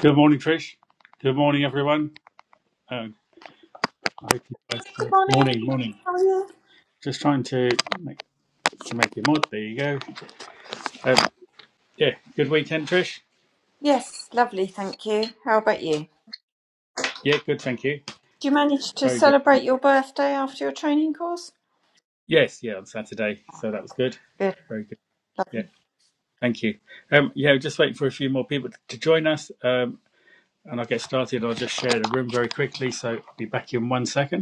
Good morning, Trish. Good morning, everyone. Uh, I hope you guys. Good Good morning. morning, morning. How are you? Just trying to make to make it mod. There you go. Um, yeah, good weekend, Trish. Yes, lovely, thank you. How about you? Yeah, good. Thank you. Did you manage to Very good. celebrate your birthday after your training course? Yes, yeah, on Saturday, so that was good. Good, Very good. Yeah, lovely. thank you. Um, yeah, just waiting for a few more people to join us, um, and I'll get started. I'll just share the room very quickly. So I'll be back in one second.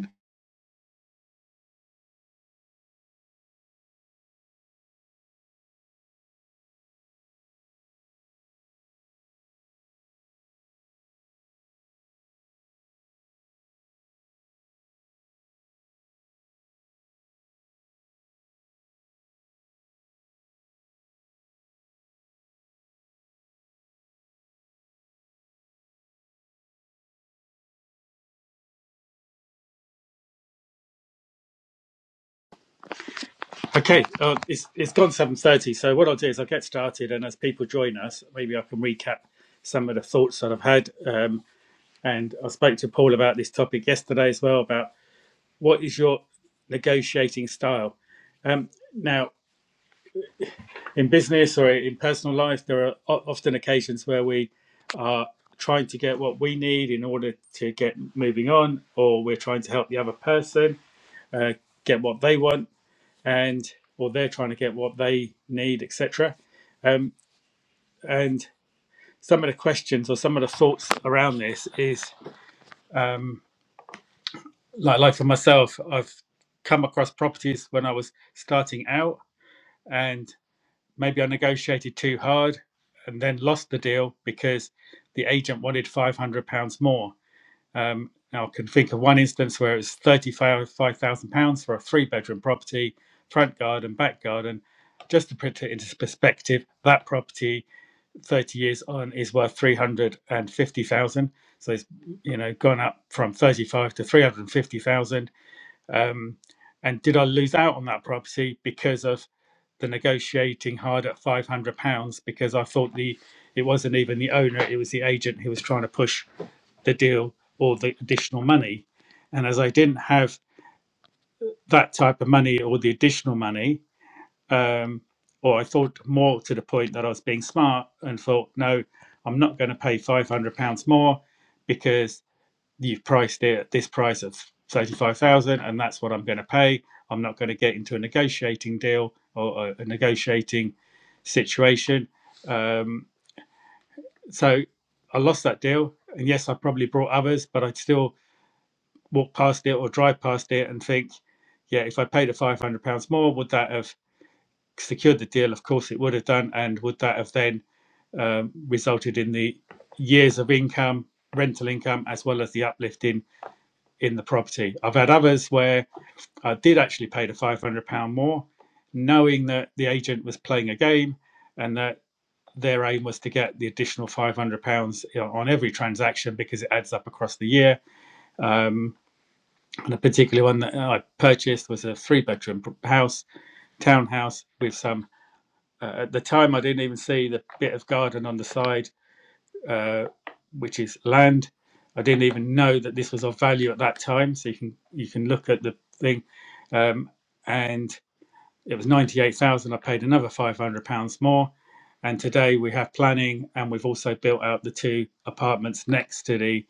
Okay, uh, it's it's gone seven thirty. So what I'll do is I'll get started, and as people join us, maybe I can recap some of the thoughts that I've had. Um, and I spoke to Paul about this topic yesterday as well about what is your negotiating style. Um, now, in business or in personal life, there are o- often occasions where we are trying to get what we need in order to get moving on, or we're trying to help the other person uh, get what they want and or they're trying to get what they need, etc. Um, and some of the questions or some of the thoughts around this is um, like like for myself, I've come across properties when I was starting out, and maybe I negotiated too hard and then lost the deal because the agent wanted five hundred pounds more. Um, now I can think of one instance where it's £35,000 for a three bedroom property, front garden, back garden. Just to put it into perspective, that property 30 years on is worth 350,000. So it's, you know, gone up from 35 to 350,000. Um, and did I lose out on that property because of the negotiating hard at 500 pounds because I thought the, it wasn't even the owner, it was the agent who was trying to push the deal or the additional money. And as I didn't have that type of money or the additional money, um, or I thought more to the point that I was being smart and thought, no, I'm not going to pay £500 more because you've priced it at this price of 35000 and that's what I'm going to pay. I'm not going to get into a negotiating deal or a negotiating situation. Um, so I lost that deal. And yes, I probably brought others, but I still walk past it or drive past it and think, yeah, if I paid the five hundred pounds more, would that have secured the deal? Of course, it would have done, and would that have then um, resulted in the years of income, rental income, as well as the uplift in in the property? I've had others where I did actually pay the five hundred pound more, knowing that the agent was playing a game, and that their aim was to get the additional five hundred pounds on every transaction because it adds up across the year. Um, And the particular one that uh, I purchased was a three bedroom house, townhouse with some. Uh, at the time, I didn't even see the bit of garden on the side, uh, which is land. I didn't even know that this was of value at that time. So you can you can look at the thing, um, and it was ninety eight thousand. I paid another five hundred pounds more, and today we have planning, and we've also built out the two apartments next to the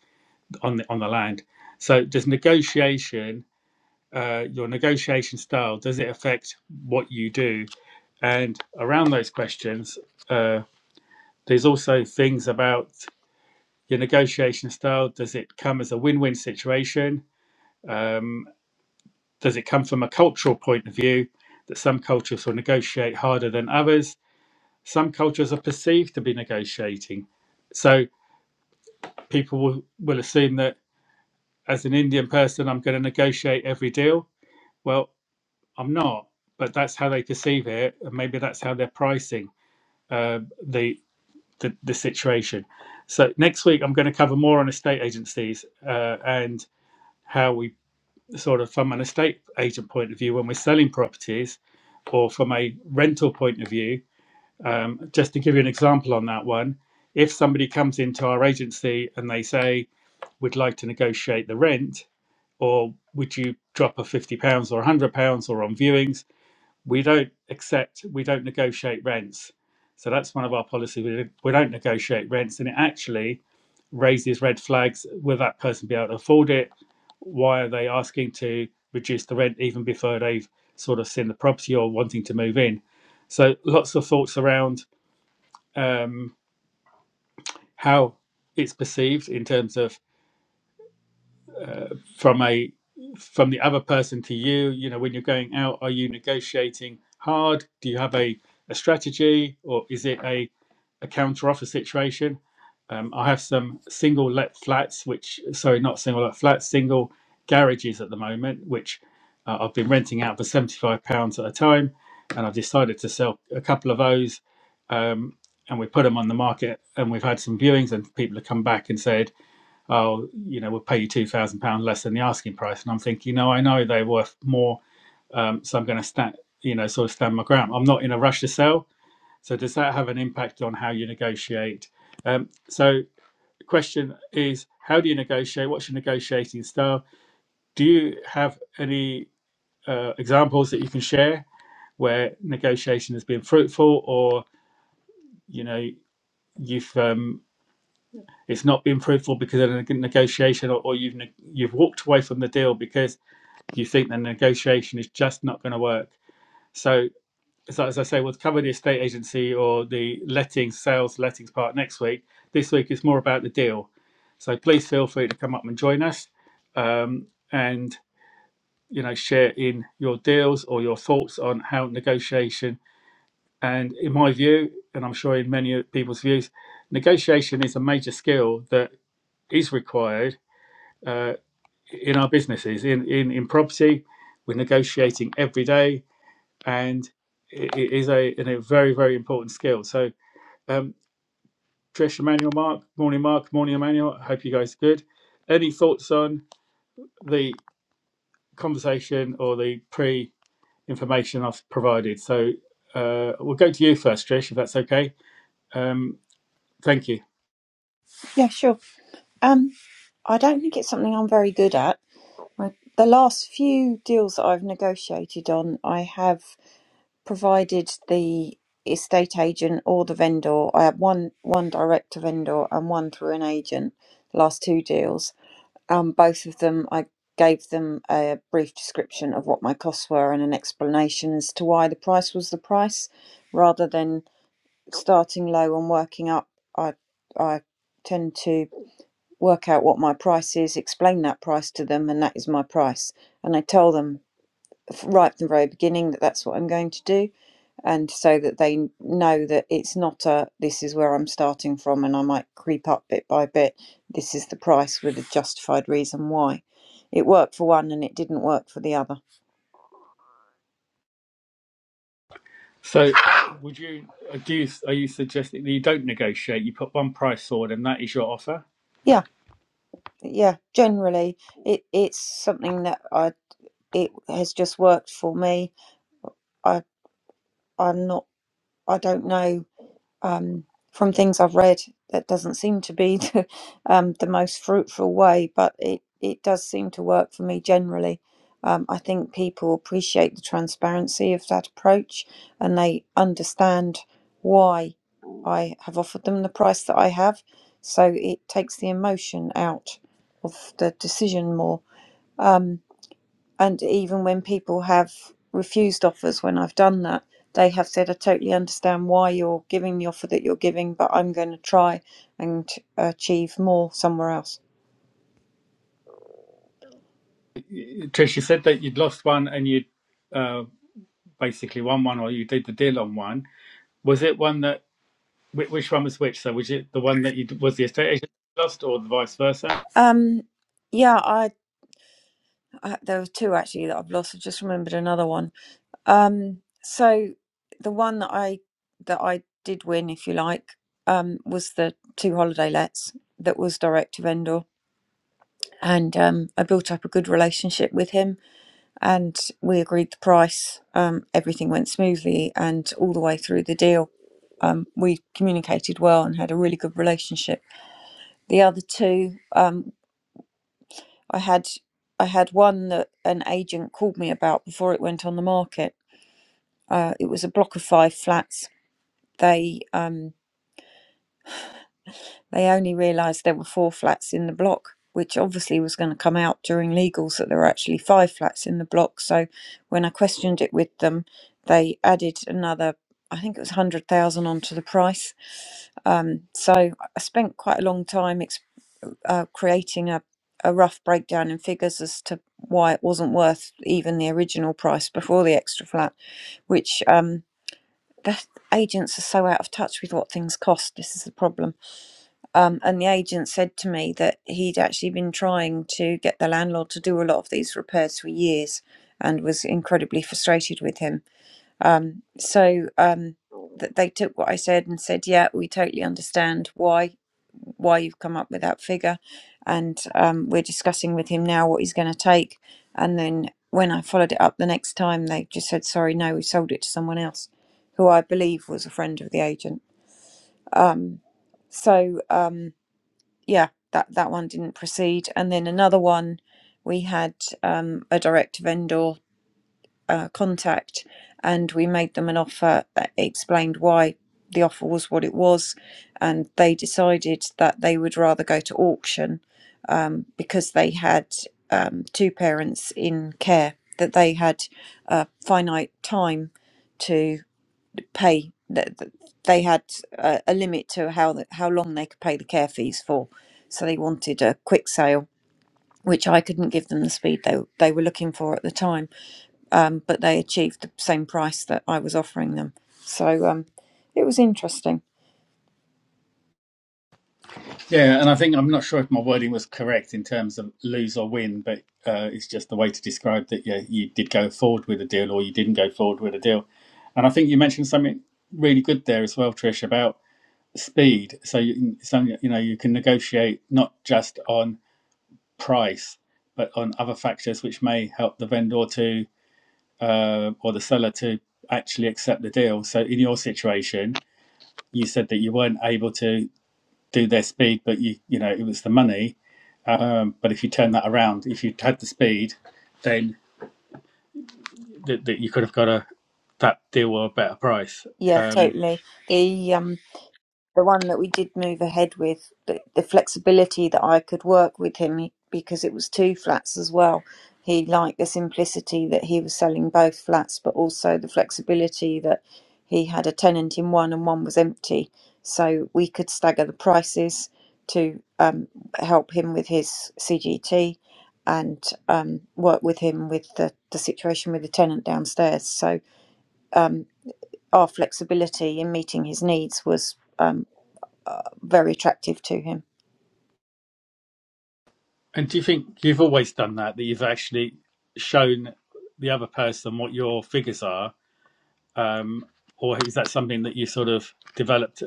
on the on the land. So there's negotiation uh, your negotiation style does it affect what you do and around those questions uh, there's also things about your negotiation style does it come as a win-win situation um, does it come from a cultural point of view that some cultures will negotiate harder than others some cultures are perceived to be negotiating so people will, will assume that as an indian person i'm going to negotiate every deal well I'm not, but that's how they perceive it, and maybe that's how they're pricing uh, the, the the situation. So next week, I'm going to cover more on estate agencies uh, and how we sort of from an estate agent point of view when we're selling properties, or from a rental point of view. Um, just to give you an example on that one, if somebody comes into our agency and they say we'd like to negotiate the rent, or would you drop a fifty pounds or a hundred pounds or on viewings? we don't accept, we don't negotiate rents. So that's one of our policies. We, we don't negotiate rents, and it actually raises red flags. Will that person be able to afford it? Why are they asking to reduce the rent even before they've sort of seen the property or wanting to move in? So lots of thoughts around um, how it's perceived in terms of from a from the other person to you. You know, when you're going out, are you negotiating hard? Do you have a a strategy, or is it a a counter offer situation. Um, I have some single let flats, which sorry, not single let flats, single garages at the moment, which uh, I've been renting out for seventy five pounds at a time, and I've decided to sell a couple of those, um, and we put them on the market, and we've had some viewings, and people have come back and said, "Oh, you know, we'll pay you two thousand pounds less than the asking price," and I'm thinking, "No, I know they're worth more, um, so I'm going to stand, you know, sort of stand my ground. I'm not in a rush to sell." So does that have an impact on how you negotiate? Um, so the question is, how do you negotiate? What's your negotiating style? Do you have any uh, examples that you can share where negotiation has been fruitful, or you know you've um, it's not been fruitful because of a negotiation, or, or you've ne- you've walked away from the deal because you think the negotiation is just not going to work. So so as I say, we'll cover the estate agency or the lettings, sales, lettings part next week. This week is more about the deal. So please feel free to come up and join us um, and, you know, share in your deals or your thoughts on how negotiation. And in my view, and I'm sure in many people's views, negotiation is a major skill that is required uh, in our businesses. In, in, in property, we're negotiating every day and it is a, a very very important skill. So, um, Trish, Emmanuel, Mark, morning, Mark, morning, Emmanuel. I hope you guys are good. Any thoughts on the conversation or the pre information I've provided? So, uh, we'll go to you first, Trish, if that's okay. Um, thank you. Yeah, sure. Um, I don't think it's something I'm very good at. My, the last few deals that I've negotiated on, I have provided the estate agent or the vendor. I had one one direct to vendor and one through an agent. The last two deals, Um, both of them, I gave them a brief description of what my costs were and an explanation as to why the price was the price, rather than starting low and working up. I I tend to work out what my price is, explain that price to them, and that is my price. And I tell them right from the very beginning that that's what I'm going to do, and so that they know that it's not a this is where I'm starting from and I might creep up bit by bit. This is the price with a justified reason why. It worked for one and it didn't work for the other. So, would you uh, do? You, are you suggesting that you don't negotiate? You put one price forward, and that is your offer. Yeah, yeah. Generally, it it's something that I it has just worked for me. I I'm not. I don't know um, from things I've read, that doesn't seem to be the, um, the most fruitful way, but it, it does seem to work for me generally. Um, I think people appreciate the transparency of that approach and they understand why I have offered them the price that I have. So it takes the emotion out, of the decision more and even when people have refused offers when I've done that, they have said, I totally understand why you're giving the offer that you're giving, but I'm going to try and achieve more somewhere else. Trish, you said that you'd lost one, and you uh, basically won one, or you did the deal on one Was it one that which, one was which? So was it the one that you was the estate agent lost or the vice versa? Um, yeah, I, I there were two actually that I've lost. I just remembered another one. Um, so the one that I that I did win, if you like, um, was the two holiday lets that was direct to vendor, and um, I built up a good relationship with him and we agreed the price. Um, everything went smoothly, and all the way through the deal, um, we communicated well and had a really good relationship. The other two, um, I had, I had one that an agent called me about before it went on the market. Uh, it was a block of five flats. They um, They only realised there were four flats in the block, which obviously was going to come out during legals that there were actually five flats in the block. So when I questioned it with them, they added another, I think it was 100,000 onto the price. Um, so I spent quite a long time ex- uh, creating a, a rough breakdown in figures as to why it wasn't worth even the original price before the extra flat, which um, the agents are so out of touch with what things cost. This is the problem um, and the agent said to me that he'd actually been trying to get the landlord to do a lot of these repairs for years and was incredibly frustrated with him. Um, so um, th- they took what I said and said, yeah, we totally understand why why you've come up with that figure. And um, we're discussing with him now what he's going to take. And then when I followed it up the next time, they just said, sorry, no, we sold it to someone else who I believe was a friend of the agent. Um, so. Um, yeah, that that one didn't proceed. And then another one, we had um, a direct vendor uh, contact, and we made them an offer that explained why the offer was what it was, and they decided that they would rather go to auction um, because they had um, two parents in care that they had a finite time to pay that they had a, a limit to how the, how long they could pay the care fees for so they wanted a quick sale which I couldn't give them the speed they, they were looking for at the time um, but they achieved the same price that I was offering them so um, it was interesting Yeah, and I think I'm not sure if my wording was correct in terms of lose or win, but uh, it's just the way to describe that yeah, you did go forward with a deal or you didn't go forward with a deal. And I think you mentioned something really good there as well, Trish, about speed. So you, so you know you can negotiate not just on price, but on other factors which may help the vendor to uh, or the seller to actually accept the deal. So in your situation, you said that you weren't able to do their speed, but you you know it was the money. Um, but if you turn that around, if you had the speed, then that that you could have got a that deal or a better price. yeah Um, totally the um, the one that we did move ahead with, the, the flexibility that I could work with him he- because it was two flats as well. He liked the simplicity that he was selling both flats, but also the flexibility that he had a tenant in one and one was empty. So we could stagger the prices to um, help him with his CGT and um, work with him with the, the situation with the tenant downstairs. So our flexibility in meeting his needs was. um, very attractive to him. and do you think you've always done that? That you've actually shown the other person what your figures are, um, or is that something that you sort of developed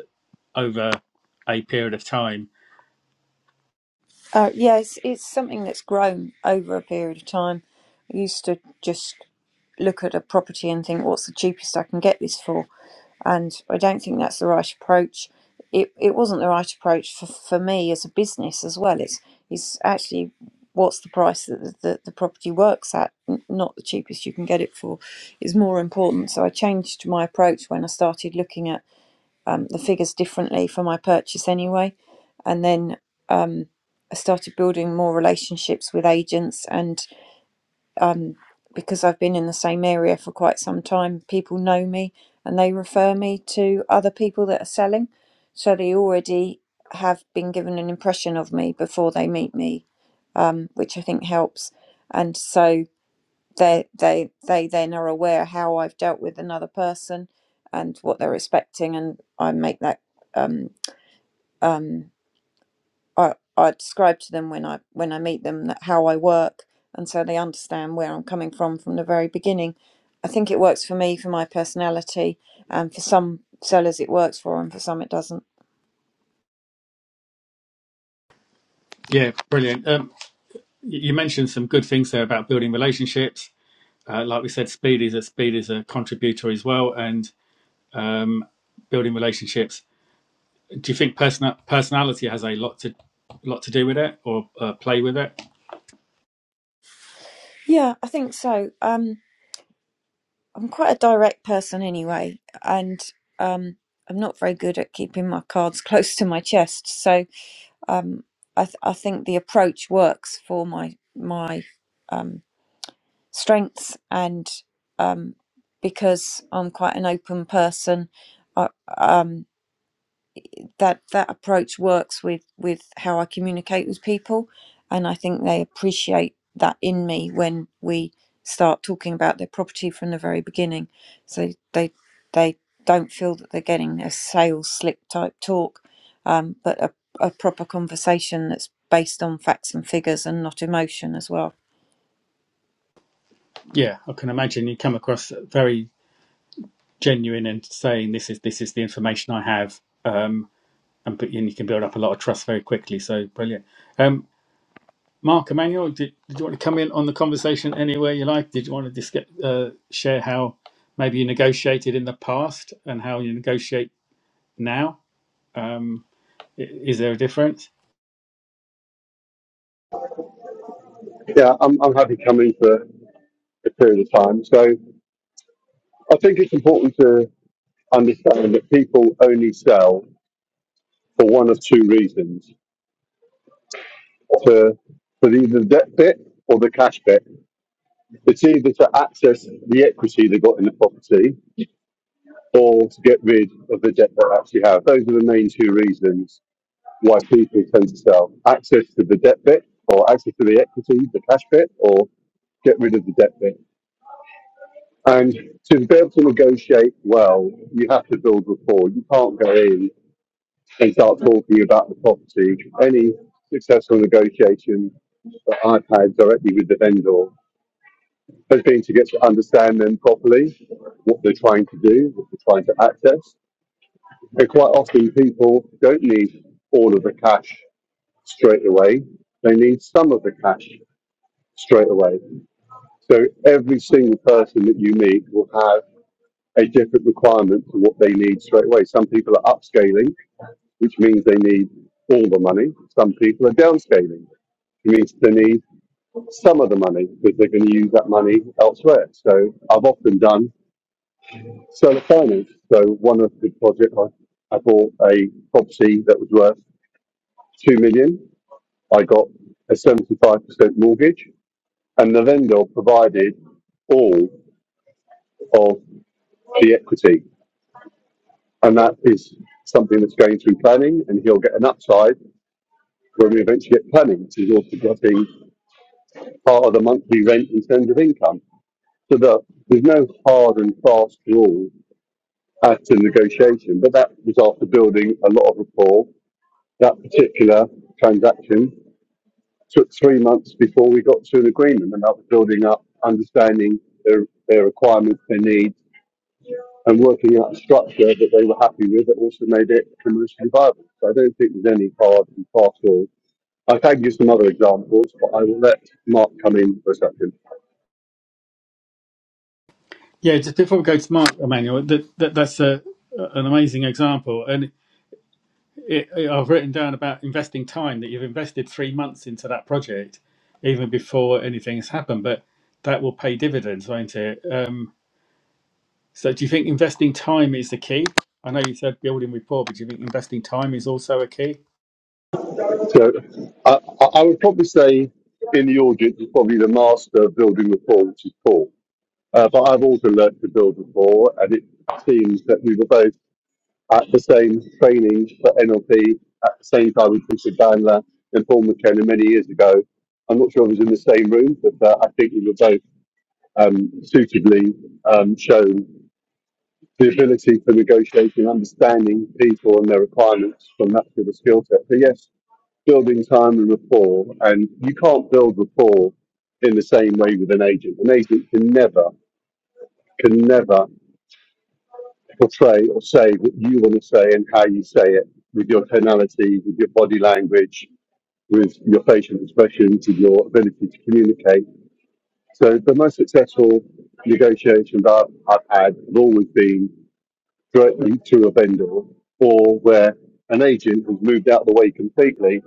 over a period of time? Uh, yeah, it's, it's something that's grown over a period of time. I used to just look at a property and think, what's the cheapest I can get this for? And I don't think that's the right approach. It, it wasn't the right approach for, for me as a business as well. It's, it's actually what's the price that the, the, the property works at, n- not the cheapest you can get it for, is more important. So I changed my approach when I started looking at um, the figures differently for my purchase anyway. And then um, I started building more relationships with agents, and um, because I've been in the same area for quite some time, people know me and they refer me to other people that are selling. So they already have been given an impression of me before they meet me, um, which I think helps. And so they they they then are aware how I've dealt with another person and what they're expecting, and I make that. Um, um, I, I describe to them when I when I meet them that how I work, and so they understand where I'm coming from from the very beginning. I think it works for me for my personality, and for some sellers it works for, and for some it doesn't. Yeah, brilliant. Um, You mentioned some good things there about building relationships. Uh, like we said, speed is a speed is a contributor as well, and um, building relationships. Do you think person- personality has a lot to lot to do with it or uh, play with it? Yeah, I think so. Um, I'm quite a direct person anyway, and um, I'm not very good at keeping my cards close to my chest. So um, I th- I think the approach works for my my. um, strengths and um, because I'm quite an open person I, um, that that approach works with with how I communicate with people and I think they appreciate that in me when we start talking about their property from the very beginning so they they don't feel that they're getting a sales slick type talk um, but a, a proper conversation that's based on facts and figures and not emotion as well Yeah, I can imagine you come across very genuine and saying this is this is the information I have, um, and, and you can build up a lot of trust very quickly. So brilliant. Um, Mark Emmanuel, did, did you want to come in on the conversation anywhere you like? Did you want to just get, uh, share how maybe you negotiated in the past and how you negotiate now? Um, i- is there a difference? Yeah, I'm, I'm happy coming for a period of time. So I think it's important to understand that people only sell for one of two reasons To for either the debt bit or the cash bit. It's either to access the equity they got in the property or to get rid of the debt they actually have. Those are the main two reasons why people tend to sell access to the debt bit or access to the equity, the cash bit, or get rid of the debt bit. And to be able to negotiate well, you have to build rapport. You can't go in and start talking about the property. Any successful negotiation that I've had directly with the vendor has been to get to understand them properly, what they're trying to do, what they're trying to access. And quite often people don't need all of the cash straight away. They need some of the cash straight away. So every single person that you meet will have a different requirement for what they need straight away. Some people are upscaling, which means they need all the money. Some people are downscaling, which means they need some of the money because they're going to use that money elsewhere. So I've often done solar finance. So one of the projects, I, I bought a property that was worth two million. I got a 75% mortgage and the vendor provided all of the equity. and that is something that's going through planning, and he'll get an upside when we eventually get planning, which is also getting part of the monthly rent in terms of income. So that there's no hard and fast rule as to negotiation, but that was after building a lot of rapport. That particular transaction took three months before we got to an agreement, and that was building up, understanding their, their requirements, their needs, and working out a structure that they were happy with that also made it commercially viable. So I don't think there's any hard and fast rules. I can give some other examples, but I will let Mark come in for a second. Yeah, just before we go to Mark Emmanuel, that, that that's a, an amazing example, and it, it, I've written down about investing time that you've invested three months into that project, even before anything has happened, but that will pay dividends, won't it? Um, So, do you think investing time is the key? I know you said building rapport, but do you think investing time is also a key? So I, I I would probably say in the audience is probably the master of building rapport, which is Paul. Uh, but I've also learnt to build rapport, and it seems that we were both at the same training for NLP at the same time with Peter Bandler and Paul McKenna many years ago. I'm not sure if it was in the same room, but uh, I think we were both um, suitably um, shown the ability for negotiating, understanding people and their requirements from that sort of skill set. So yes, building time and rapport, and you can't build rapport in the same way with an agent. An agent can never, can never portray or say what you want to say and how you say it with your tonality, with your body language, with your facial expressions, with your ability to communicate. So the most successful negotiations I've, I've had have always been directly to a vendor or where an agent has moved out of the way completely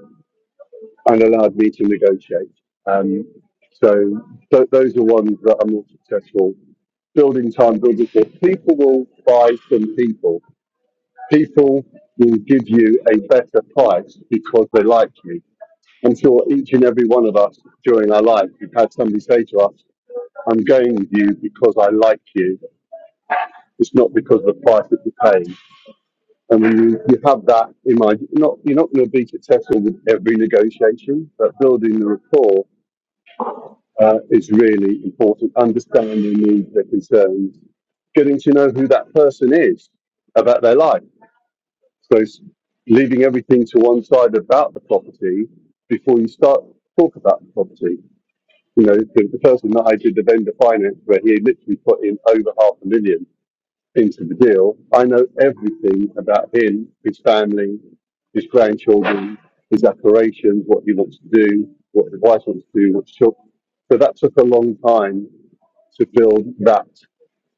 and allowed me to negotiate. Um, so th- those are ones that I'm not successful. Building time, building it. People will buy from people. People will give you a better price because they like you. I'm sure each and every one of us during our life, we've had somebody say to us, I'm going with you because I like you. It's not because of the price that you pay. And when you, you have that in mind, you're not, you're not going to be successful with every negotiation, but building the rapport uh, is really important. Understanding their needs, their concerns, getting to know who that person is about their life. So it's leaving everything to one side about the property before you start to talk about the property. You know, the, the person that I did the vendor finance where he literally put in over half a million into the deal, I know everything about him, his family, his grandchildren, his aspirations, what he wants to do, what his wife wants to do, what she wants. So that took a long time to build that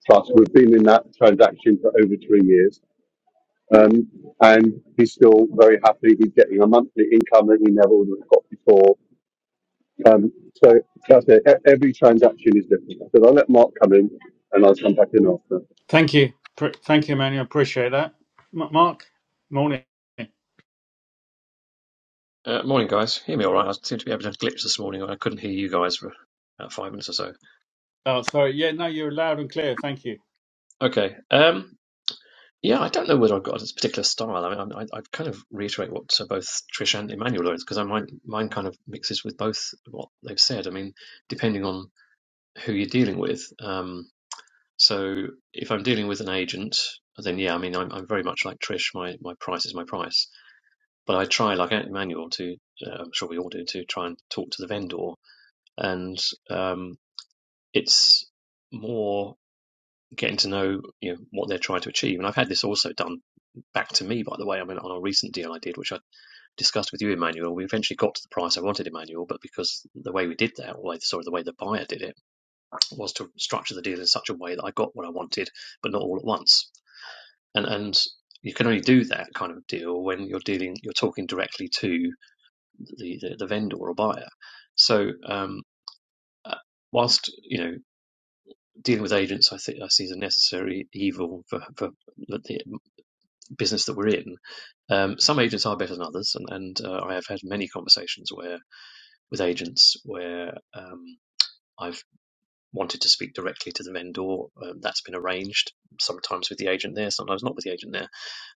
trust. We've been in that transaction for over three years. Um, and he's still very happy. He's getting a monthly income that he never would have got before. Um, so that's it. E- Every transaction is different. So I'll let Mark come in and I'll come back in after. Thank you. Pr- Thank you, Emmanuel. I Appreciate that. M- Mark, morning. Uh, morning, guys. Hear me all right? I seem to be having a glitch this morning. I couldn't hear you guys for about five minutes or so. Oh, sorry. Yeah, no, you're loud and clear. Thank you. Okay. Um, yeah, I don't know whether I've got this particular style. I mean, I, I kind of reiterate what uh, both Trish and Emmanuel are, because I mine mine kind of mixes with both what they've said. I mean, depending on who you're dealing with. Um, so if I'm dealing with an agent, then yeah, I mean, I'm, I'm very much like Trish. My my price is my price, but I try, like Emmanuel, to uh, I'm sure we all do, to try and talk to the vendor and um, It's more getting to know you know what they're trying to achieve. And I've had this also done back to me, by the way. I mean, on a recent deal I did, which I discussed with you, Emmanuel. We eventually got to the price I wanted, Emmanuel, but because the way we did that, or sorry, the way the buyer did it, was to structure the deal in such a way that I got what I wanted, but not all at once. And and you can only do that kind of deal when you're dealing, you're talking directly to the the, the vendor or buyer. So um, uh, whilst you know dealing with agents, I think I see as a necessary evil for, for the business that we're in. Um, some agents are better than others, and, and uh, I have had many conversations where with agents where um, I've wanted to speak directly to the vendor. Um, that's been arranged sometimes with the agent there, sometimes not with the agent there,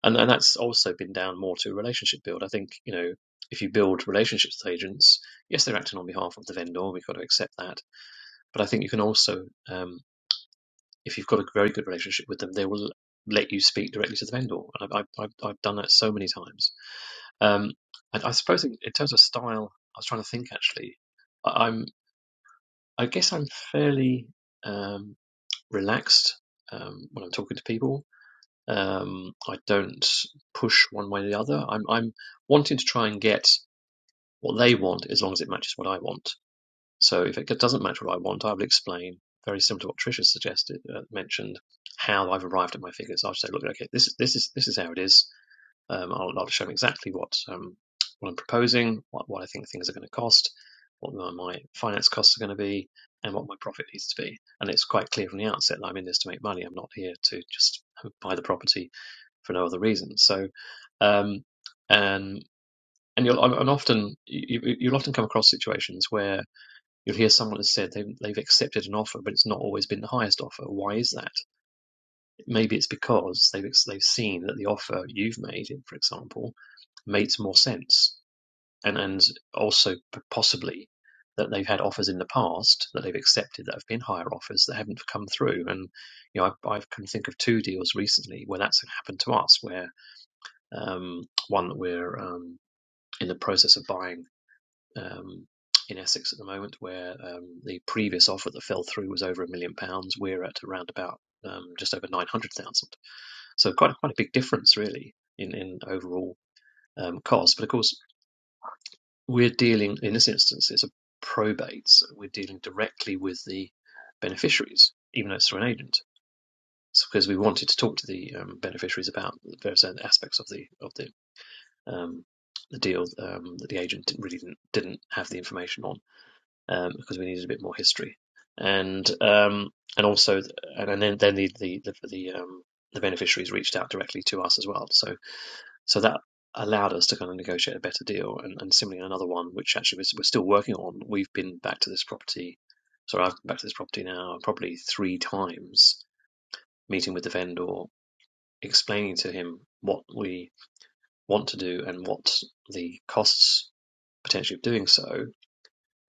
and and that's also been down more to relationship build. I think you know. If you build relationships with agents, yes, they're acting on behalf of the vendor. We've got to accept that, but I think you can also um, if you've got a very good relationship with them, they will let you speak directly to the vendor. And I've, I've, I've done that so many times. Um, and I suppose in, in terms of style, I was trying to think actually. I, I'm, I guess I'm fairly um, relaxed um, when I'm talking to people. Um, I don't push one way or the other. I'm, I'm wanting to try and get what they want as long as it matches what I want. So if it doesn't match what I want, I will explain very similar to what Tricia suggested, uh, mentioned, how I've arrived at my figures. I'll just say, look, okay, this is this is this is how it is. Um, I'll, I'll show them exactly what um, what I'm proposing, what, what I think things are going to cost, what my, finance costs are going to be, and what my profit needs to be. And it's quite clear from the outset that I'm in this to make money. I'm not here to just buy the property for no other reason. So, um, and and you'll and often you- you'll often come across situations where you'll hear someone has said they've, they've accepted an offer, but it's not always been the highest offer. Why is that? Maybe it's because they've they've seen that the offer you've made, for example, makes more sense, and and also possibly that they've had offers in the past that they've accepted that have been higher offers that haven't come through. And you know, I, I can think of two deals recently where that's happened to us, where um, one that we're um, in the process of buying um, in Essex at the moment, where um, the previous offer that fell through was over a million pounds. We're at around about um, just over nine hundred thousand. So quite a, quite a big difference, really, in in overall um, cost. But of course, we're dealing in this instance it's a probate. So we're dealing directly with the beneficiaries, even though it's through an agent. It's because we wanted to talk to the um, beneficiaries about various aspects of the of the um, the deal um, that the agent really didn't, didn't have the information on. um, because we needed a bit more history, and um, and also and, and then then the the the, the um, the beneficiaries reached out directly to us as well. So so that allowed us to kind of negotiate a better deal. And, and similarly, another one which actually we're still working on. We've been back to this property. Sorry, I've been back to this property now probably three times, meeting with the vendor, explaining to him what we want to do and what the costs potentially of doing so,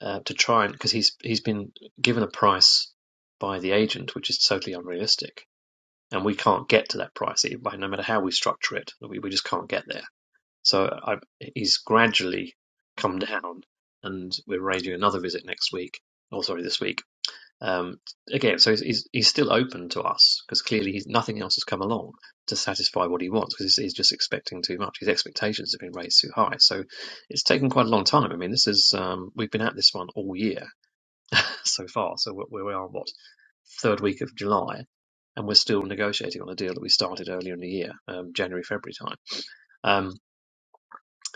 uh, to try and because he's he's been given a price by the agent, which is totally unrealistic, and we can't get to that price e- by no matter how we structure it. We we just can't get there. So I, he's gradually come down, and we're arranging another visit next week. Oh, sorry, this week. Um, again, so he's, he's he's still open to us because clearly he's, nothing else has come along to satisfy what he wants because he's, he's just expecting too much. His expectations have been raised too high, so it's taken quite a long time. I mean, this is um, we've been at this one all year so far. So we're, we are what third week of July, and we're still negotiating on a deal that we started earlier in the year, um, January February time. Um,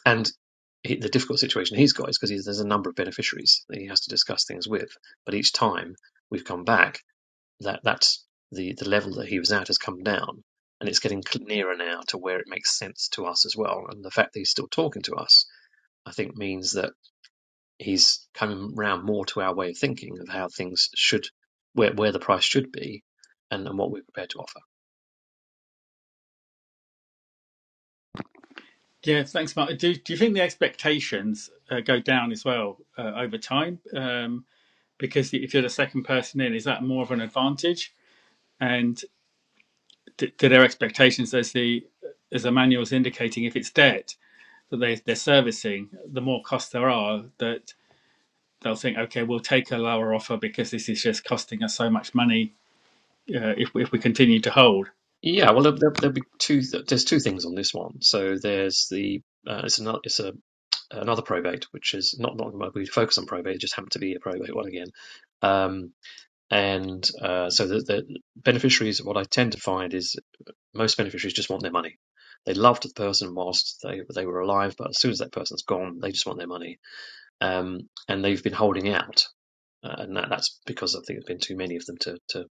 and he, the difficult situation he's got is because there's a number of beneficiaries that he has to discuss things with. But each time we've come back, that that's the the level that he was at has come down, and it's getting cl- nearer now to where it makes sense to us as well. And the fact that he's still talking to us, I think, means that he's coming round more to our way of thinking of how things should, where, where the price should be, and, and what we're prepared to offer. Yeah, thanks, Mark. Do, do you think the expectations uh, go down as well uh, over time? Um, because if you're the second person in, is that more of an advantage? And d do their expectations, as the as Emmanuel's indicating, if it's debt that they, they're servicing, the more costs there are, that they'll think, okay, we'll take a lower offer because this is just costing us so much money uh, if if we continue to hold. Yeah, well, there, there, there'll be two. There's two things on this one. So there's the uh, it's another it's a another probate, which is not not well, we focus on probate. It just happened to be a probate one again. Um, and uh, so the, the beneficiaries, what I tend to find is most beneficiaries just want their money. They loved the person whilst they they were alive, but as soon as that person's gone, they just want their money um, and they've been holding out. Uh, and that, that's because I think there's been too many of them to, to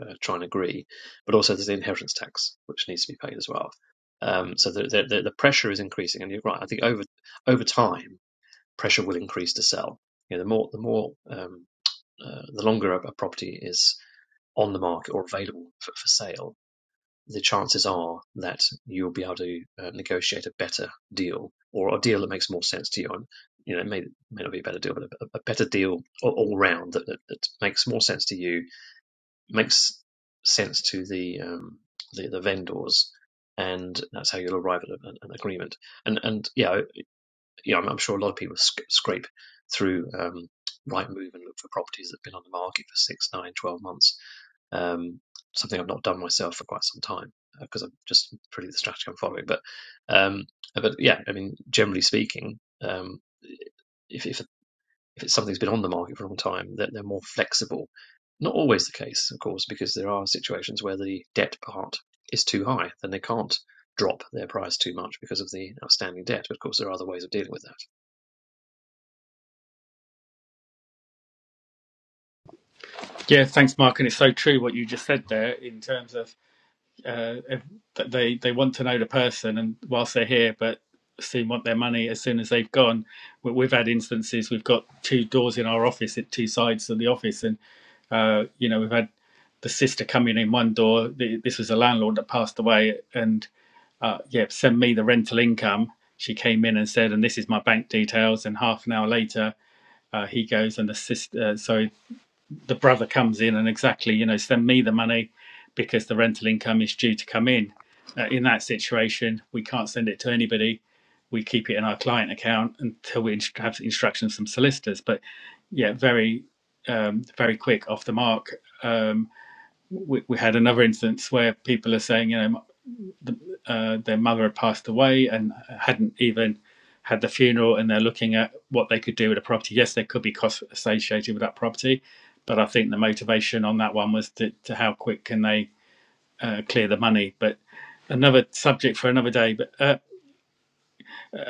uh, try and agree. But also there's the inheritance tax, which needs to be paid as well. Um, so the, the, the the pressure is increasing. And you're right, I think over over time, pressure will increase to sell. You know, the more, the more, um, uh, the longer a, a property is on the market or available for, for sale, the chances are that you'll be able to uh, negotiate a better deal or a deal that makes more sense to you. And, you know, it may, may not be a better deal, but a, a better deal all, all round that, that, that makes more sense to you, makes sense to the, um, the, the vendors. And that's how you'll arrive at a, an an agreement. And and yeah, you know, I'm, I'm sure a lot of people sc- scrape through um, Rightmove and look for properties that have been on the market for six, nine, twelve months. Um, something I've not done myself for quite some time because uh, I'm just pretty the strategy I'm following. But um, uh, but yeah, I mean, generally speaking, um, if if if it's something's been on the market for a long time, that they're they're more flexible. Not always the case, of course, because there are situations where the debt part is too high, then they can't drop their price too much because of the outstanding debt. But of course, there are other ways of dealing with that. Yeah, thanks, Mark, and it's so true what you just said there in terms of uh, if that they they want to know the person and whilst they're here, but soon want their money as soon as they've gone. We- We've had instances. We've got two doors in our office, at two sides of the office, and uh, you know we've had the sister coming in one door. The, this was a landlord that passed away, and uh, yeah, send me the rental income. She came in and said, and this is my bank details. And half an hour later, uh, he goes and the sister, uh, so the brother comes in and exactly, you know, send me the money because the rental income is due to come in. Uh, in that situation, we can't send it to anybody. We keep it in our client account until we inst- have instructions from solicitors. But yeah, very, um, very quick off the mark. Um, we, we had another instance where people are saying, you know, the, uh, their mother had passed away and hadn't even had the funeral, and they're looking at what they could do with a property. Yes, there could be costs associated with that property, but I think the motivation on that one was to, to how quick can they uh, clear the money. But another subject for another day. But uh,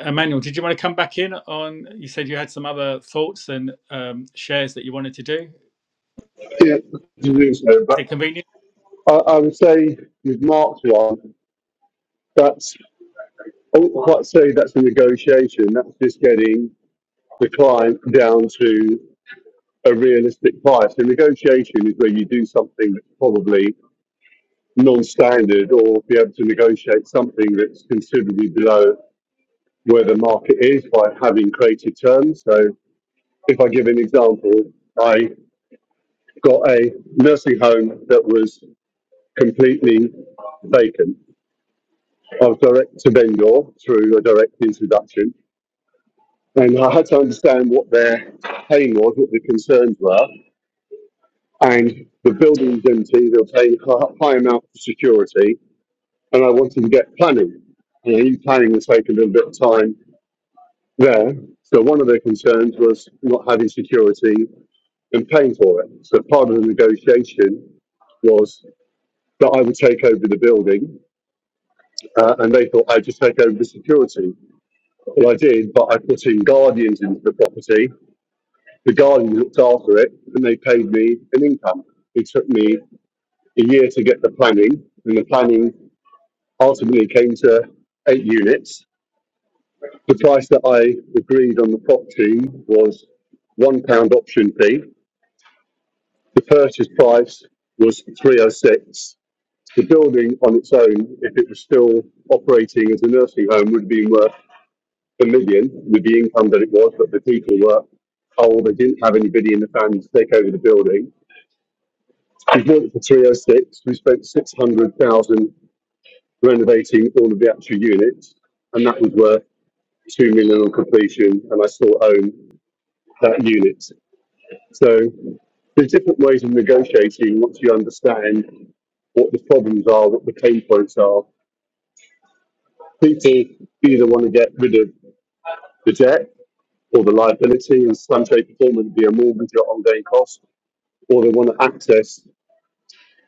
Emmanuel, did you want to come back in on? You said you had some other thoughts and um, shares that you wanted to do. Yeah, to do so? Is But. it convenient? I, I would say with Mark's one, that's I wouldn't quite say that's a negotiation. That's just getting the client down to a realistic price. The negotiation is where you do something that's probably non-standard, or be able to negotiate something that's considerably below where the market is by having created terms. So, if I give an example, I got a nursing home that was completely vacant of direct to vendor through a direct introduction. And I had to understand what their pain was, what the concerns were. And the building was empty, they were paying a high amount for security. And I wanted to get planning. And I planning was taking a little bit of time there. So one of their concerns was not having security and paying for it. So part of the negotiation was that I would take over the building, uh, and they thought I'd just take over the security. Well, I did, but I put in guardians into the property. The guardians looked after it, and they paid me an income. It took me a year to get the planning, and the planning ultimately came to eight units. The price that I agreed on the property was one pound option fee. The purchase price was three oh six. The building on its own, if it was still operating as a nursing home, would have been worth million with the income that it was, but the people were old. They didn't have anybody in the family to take over the building. We bought it for 306. We spent 600,000 renovating all of the actual units, and that was worth 2 million on completion. And I still own that unit. So there's different ways of negotiating once you understand what the problems are, what the pain points are. People either want to get rid of the debt or the liability in some shape or form, whether be a mortgage or ongoing cost. or they want to access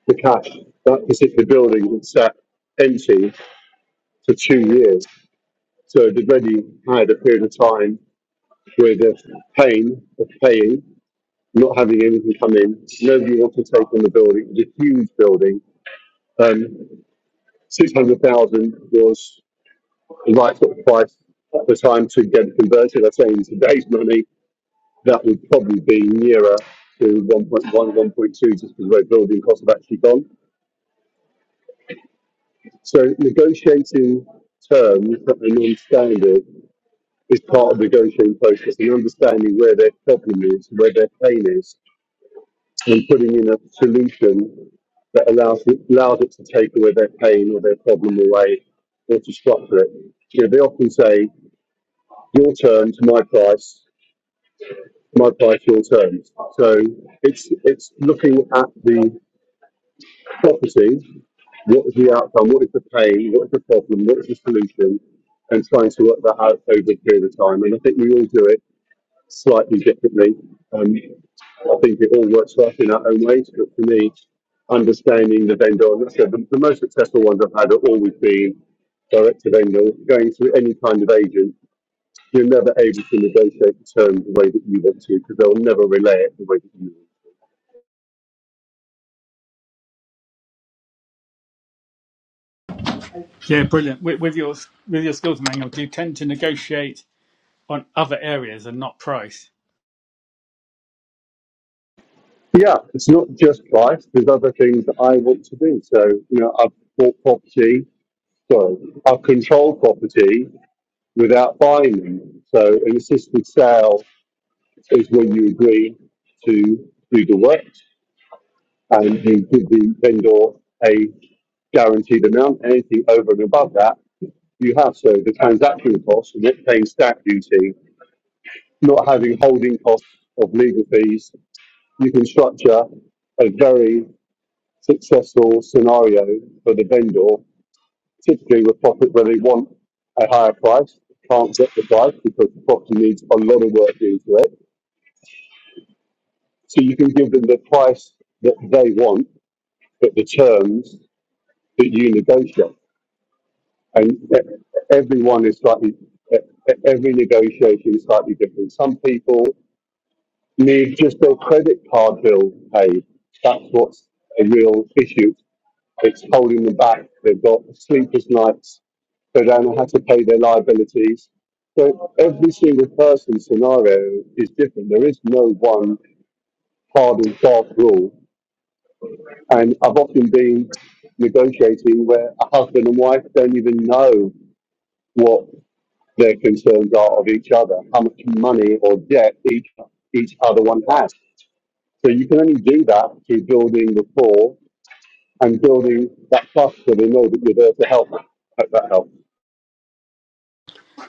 the cash. That particular building had sat empty for two years. So they'd already had a period of time where the pain of paying, not having anything come in, nobody wanted to take on the building. It was a huge building. Um, 600,000 was the right sort of price at the time to get it converted. I say in today's money, that would probably be nearer to one point one, one point two, just because the way building costs have actually gone. So negotiating terms that are non-standard is part of the negotiating process and understanding where their problem is, where their pain is, and putting in a solution that allows it, allows it to take away their pain or their problem away or to structure it. You know, they often say, your terms, my price, my price, your terms. So it's, it's looking at the property What is the outcome? What is the pain? What is the problem? What is the solution? And trying to work that out over a period of time. And I think we all do it slightly differently. Um, I think it all works for us in our own ways, but for me, understanding the vendor, and that's the, the most successful ones I've had have always been direct to vendor. Going through any kind of agent, you're never able to negotiate the terms the way that you want to because they'll never relay it the way that you want Yeah, brilliant. With, with your with your skills Emmanuel, do you tend to negotiate on other areas and not price? Yeah, it's not just life. There's other things that I want to do. So, you know, I've bought property, sorry, I've controlled property without buying them. So an assisted sale is when you agree to do the work and you give the vendor a guaranteed amount. Anything over and above that, you have. So the transaction costs, not paying stamp duty, not having holding costs of legal fees. You can structure a very successful scenario for the vendor, typically with profit where they want a higher price, can't get the price because the property needs a lot of work into it. So you can give them the price that they want, but the terms that you negotiate. And e- everyone is slightly, e- e- every negotiation is slightly different. Some people need just their credit card bill paid. That's what's a real issue It's holding them back. They've got sleepless nights. They don't know how to pay their liabilities. So every single person's scenario is different. There is no one hard and fast rule. And I've often been negotiating where a husband and wife don't even know what their concerns are of each other, how much money or debt each each other one has. So you can only do that through building rapport and building that trust so they know that you're there to help them. Hope that helps.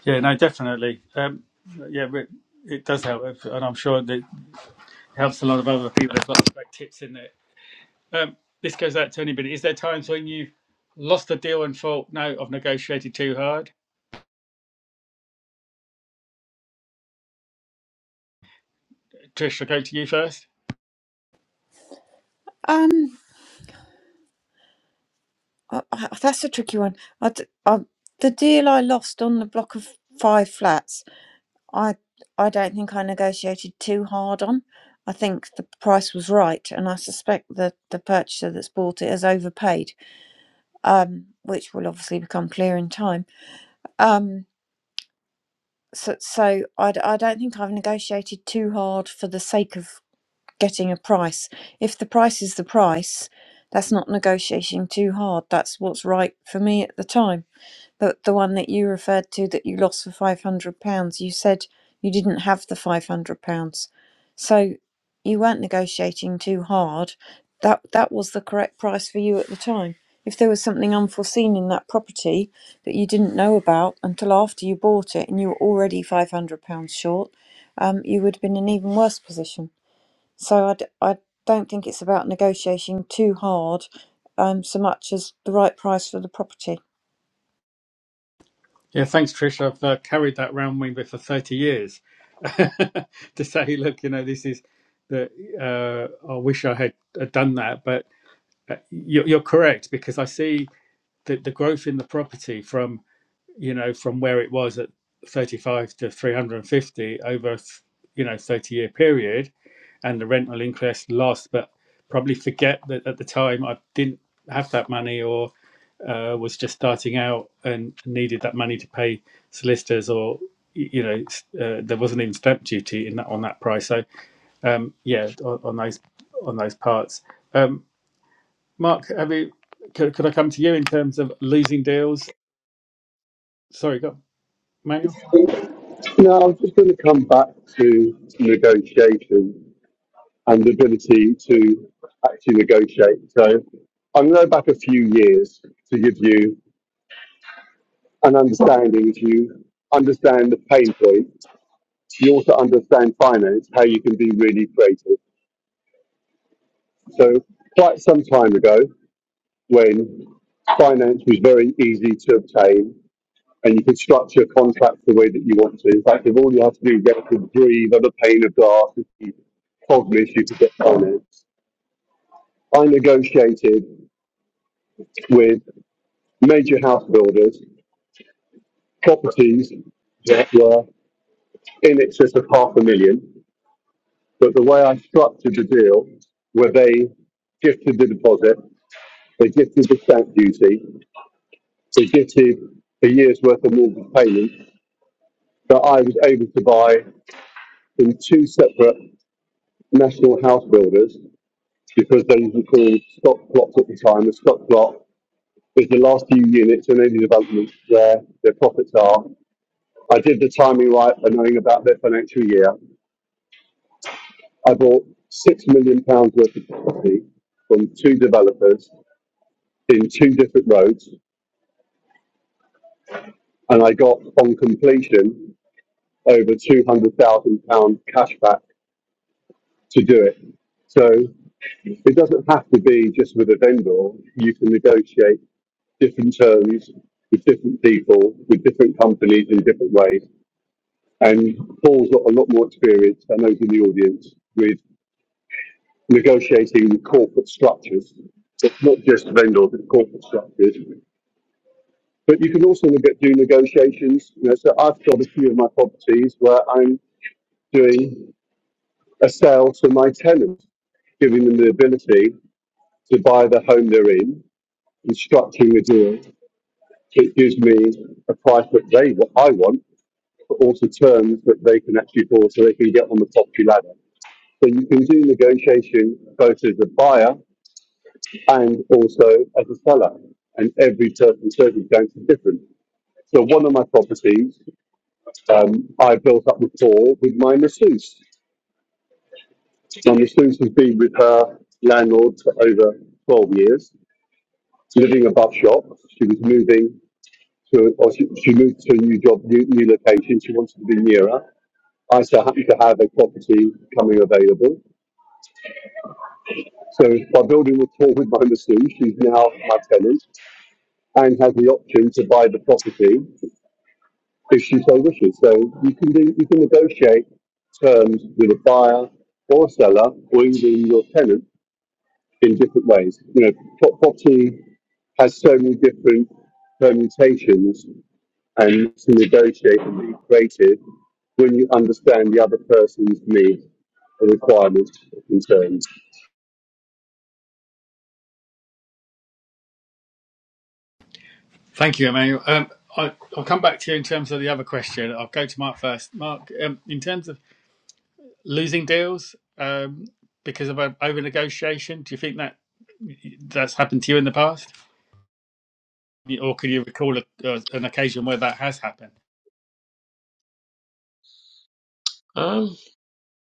Yeah, no, definitely. Um, yeah, but it does help, if- and I'm sure that it helps a lot of other people as well. Like tips in there. Um, this goes out to anybody. Is there times when you've lost a deal and thought, no, I've negotiated too hard? Trish, I'll go to you first. Um. I, I, that's a tricky one. I d I the deal I lost on the block of five flats, I I don't think I negotiated too hard on. I think the price was right, and I suspect that the purchaser that's bought it has overpaid, um, which will obviously become clear in time. Um, so so I, d- I don't think I've negotiated too hard for the sake of getting a price. If the price is the price, that's not negotiating too hard. That's what's right for me at the time the the one that you referred to that you lost for five hundred pounds, you said you didn't have the five hundred pounds, so you weren't negotiating too hard. That that was the correct price for you at the time. If there was something unforeseen in that property that you didn't know about until after you bought it and you were already five hundred pounds short, um, you would have been in an even worse position. So I d- I don't think it's about negotiating too hard, um, so much as the right price for the property. Yeah, thanks, Trish. I've uh, carried that round with me for 30 years to say, look, you know, this is that uh, I wish I had had done that, but uh, you're, you're correct because I see that the growth in the property from you know, from where it was at 35 to 350 over, you know, 30 year period and the rental increase lost, but probably forget that at the time I didn't have that money or uh, was just starting out and needed that money to pay solicitors or, you know, uh, there wasn't even stamp duty in that on that price. So, um, yeah, on, on those on those parts. Um, Mark, have you, could, could I come to you in terms of losing deals? Sorry, go, Manuel. No, I'm just going to come back to negotiation and the ability to actually negotiate. So I'm going to go back a few years to give you an understanding. If you understand the pain points, you also understand finance, how you can be really creative. So quite some time ago, when finance was very easy to obtain, and you can structure contracts the way that you want to. In fact, if all you have to do is get a degree, that the pane of glass, if you told me if you could get finance. I negotiated with major house builders properties that were in excess of half a million, but the way I structured the deal where they gifted the deposit, they gifted the stamp duty, they gifted a year's worth of mortgage payment that I was able to buy in two separate national house builders because those were called stock plots at the time. A stock plot is the last few units in any development where their profits are. I did the timing right by knowing about their financial year. I bought six million pounds worth of property from two developers in two different roads, and I got on completion over two hundred thousand pound cash back to do it. So it doesn't have to be just with a vendor. You can negotiate different terms with different people, with different companies in different ways. And Paul's got a lot more experience than those in the audience with negotiating with corporate structures. So It's not just vendors, it's corporate structures. But you can also look at do negotiations. You know, so I've got a few of my properties where I'm doing a sale to my tenants, giving them the ability to buy the home they're in and structuring the deal so it gives me a price that they what I want but also terms that they can actually afford so they can get on the property ladder. So you can do negotiation both as a buyer and also as a seller, and every certain circumstance is different. So one of my properties, um, I built up rapport with my masseuse. My masseuse has been with her landlord for over 12 years, living above shop. She was moving to, or she, she moved to a new job, new, new location. She wanted to be nearer. I so happened to have a property coming available. So by building rapport with my missus, she's now my tenant and has the option to buy the property if she so wishes. So you can do, you can negotiate terms with a buyer or seller or even your tenant in different ways. You know, pro- property has so many different permutations and to negotiate and be creative when you understand the other person's needs and requirements and concerns. Thank you, Emmanuel. Um, I, I'll come back to you in terms of the other question. I'll go to Mark first. Mark, um, in terms of losing deals um, because of over negotiation, do you think that that's happened to you in the past, or can you recall a, uh, an occasion where that has happened? Um,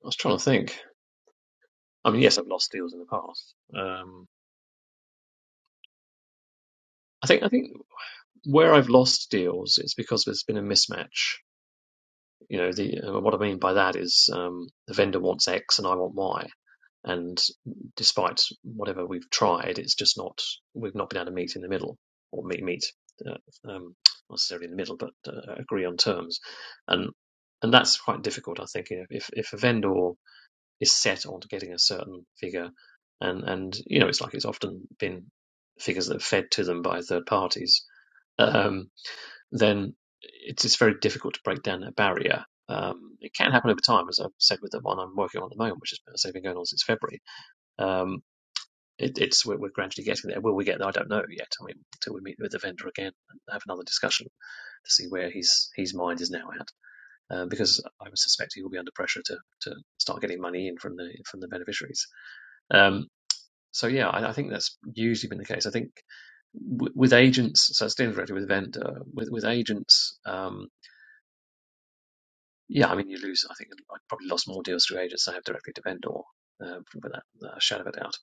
I was trying to think. I mean, yes, I've lost deals in the past. Um, I think I think where I've lost deals, it's because there's been a mismatch. You know, the uh, what I mean by that is um, the vendor wants X and I want Y, and despite whatever we've tried, it's just not we've not been able to meet in the middle or meet meet uh, um, not necessarily in the middle, but uh, agree on terms, and and that's quite difficult. I think you know, if if a vendor is set on getting a certain figure, and and you know it's like it's often been figures that are fed to them by third parties. Um, then it's it's very difficult to break down that barrier. Um, it can happen over time, as I've said with the one I'm working on at the moment, which has been, as I going on since February. Um, it, it's we're, we're gradually getting there. Will we get there? I don't know yet. I mean, until we meet with the vendor again and have another discussion to see where his his mind is now at, uh, because I would suspect he will be under pressure to to start getting money in from the from the beneficiaries. Um, so yeah, I, I think that's usually been the case. I think w- with agents, so it's dealing directly with vendor. With with agents, um, yeah, I mean you lose. I think I probably lost more deals through agents than I have directly to vendor, uh, without a shadow of a doubt.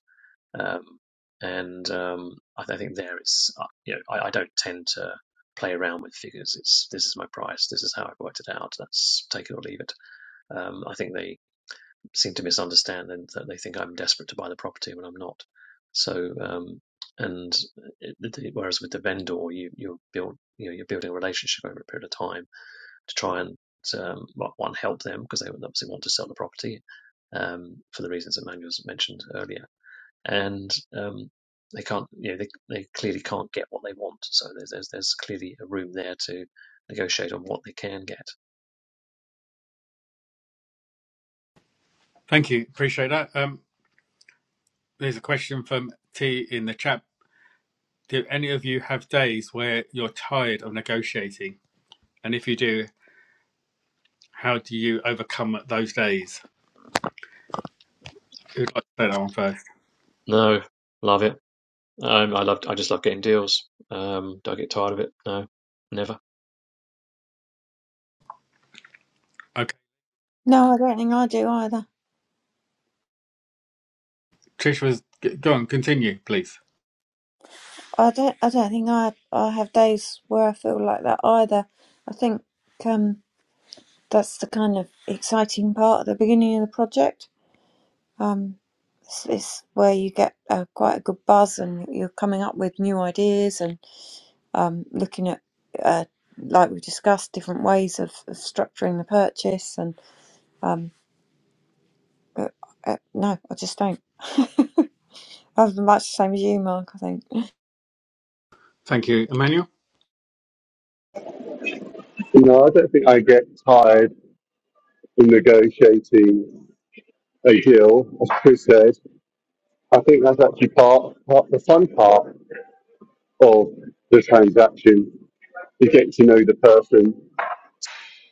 Um, and um, I, I think there it's uh, you know I, I don't tend to play around with figures. It's this is my price. This is how I've worked it out. That's take it or leave it. Um, I think they seem to misunderstand and that they think I'm desperate to buy the property when I'm not. So, um, and it, whereas with the vendor, you, you're build, you know, you're building a relationship over a period of time to try and um, well, one help them because they would obviously want to sell the property um, for the reasons that Manuel's mentioned earlier, and um, they can't, you know, they, they clearly can't get what they want. So there's, there's there's clearly a room there to negotiate on what they can get. Thank you. Appreciate that. Um, there's a question from T in the chat. Do any of you have days where you're tired of negotiating? And if you do, how do you overcome those days? Who'd like to say that one first? No, love it. Um, I love. I just love getting deals. Um, do I get tired of it? No, never. Okay. No, I don't think I do either. Trish was g- go on. Continue, please. I don't. I don't think I. I have days where I feel like that either. I think um, that's the kind of exciting part at the beginning of the project. Um, it's, it's where you get uh, quite a good buzz, and you're coming up with new ideas and um, looking at, uh, like we discussed, different ways of, of structuring the purchase. And um, but, uh, no, I just don't. I'm much the same as you, Mark. I think. Thank you, Emmanuel. No, I don't think I get tired negotiating a deal, as Chris said, I think that's actually part, part the fun part of the transaction. You get to know the person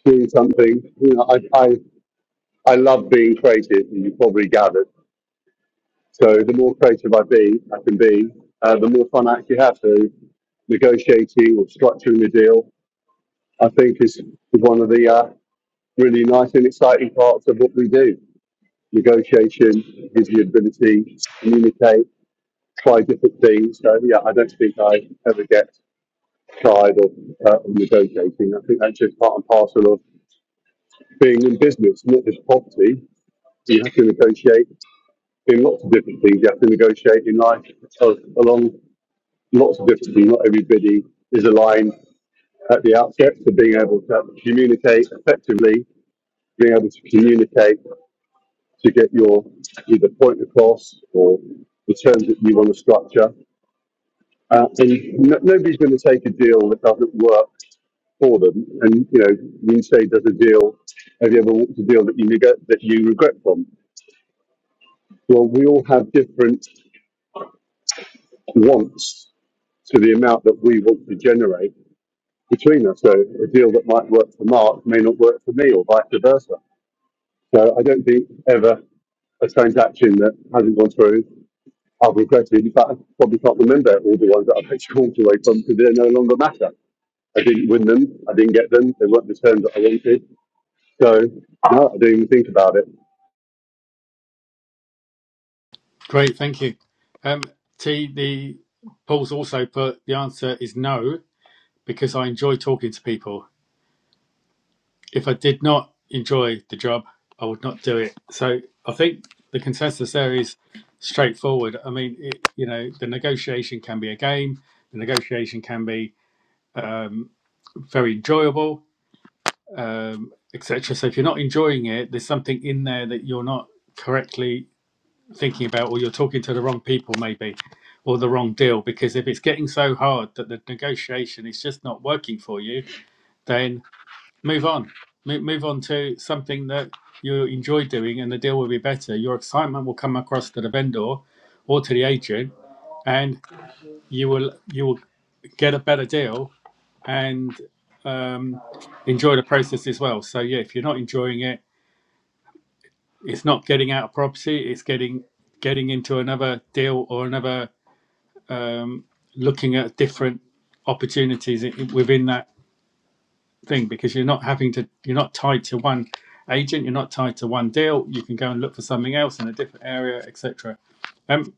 doing something. You know, I, I, I love being creative, and you probably gathered. So the more creative I be, I can be, uh, the more fun I actually have. So negotiating or structuring the deal, I think is, is one of the uh, really nice and exciting parts of what we do. Negotiation gives you the ability to communicate try different things. So yeah, I don't think I ever get tired of, uh, of negotiating. I think that's just part and parcel of being in business, not just property. You have to negotiate in lots of different things. You have to negotiate in life of, along lots of different things. Not everybody is aligned at the outset. So being able to communicate effectively, being able to communicate to get your either point across or the terms that you want to structure. Uh, and no, nobody's going to take a deal that doesn't work for them. And you know, when you say does a deal, have you ever walked a deal that you regret that you regret from? Well, we all have different wants to the amount that we want to generate between us. So a deal that might work for Mark may not work for me, or vice versa. So I don't think ever a transaction that hasn't gone through. I've regretted. In fact, I probably can't remember all the ones that I've actually walked away from because they no longer matter. I didn't win them. I didn't get them. They weren't the terms that I wanted. So no, I didn't even think about it. Great, thank you. Um, T. The Paul's also put the answer is no because I enjoy talking to people. If I did not enjoy the job, I would not do it. So I think the consensus there is straightforward. I mean, it, you know, the negotiation can be a game. The negotiation can be um, very enjoyable, um, etc. So if you're not enjoying it, there's something in there that you're not correctly thinking about, or you're talking to the wrong people, maybe, or the wrong deal. Because if it's getting so hard that the negotiation is just not working for you, then move on. Mo- Move on to something that you enjoy doing, and the deal will be better. Your excitement will come across to the vendor or to the agent, and you will you will get a better deal and um, enjoy the process as well. So yeah, if you're not enjoying it, it's not getting out of property. It's getting getting into another deal or another um, looking at different opportunities within that thing because you're not having to you're not tied to one agent you're not tied to one deal you can go and look for something else in a different area etc um,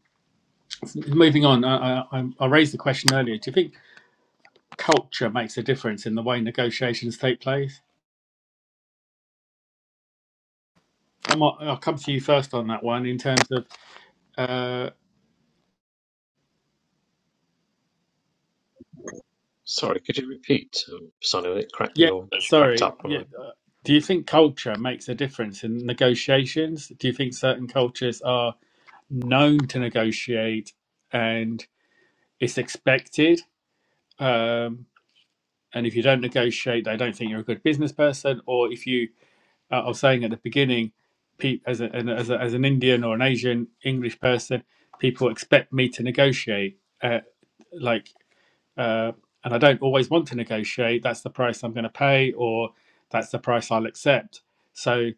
moving on I, I, I I raised the question earlier do you think culture makes a difference in the way negotiations take place I might, i'll come to you first on that one in terms of uh, Sorry, could you repeat? Um, Sounded a bit crackly yeah or cracked sorry up when yeah uh, do you think culture makes a difference in negotiations do you think certain cultures are known to negotiate and it's expected. Um, and if you don't negotiate, they don't think you're a good business person. Or if you, uh, I was saying at the beginning, pe- as, a, an- as, a, as an Indian or an Asian English person, people expect me to negotiate. Uh, like, uh, and I don't always want to negotiate. That's the price I'm going to pay, or that's the price I'll accept. So,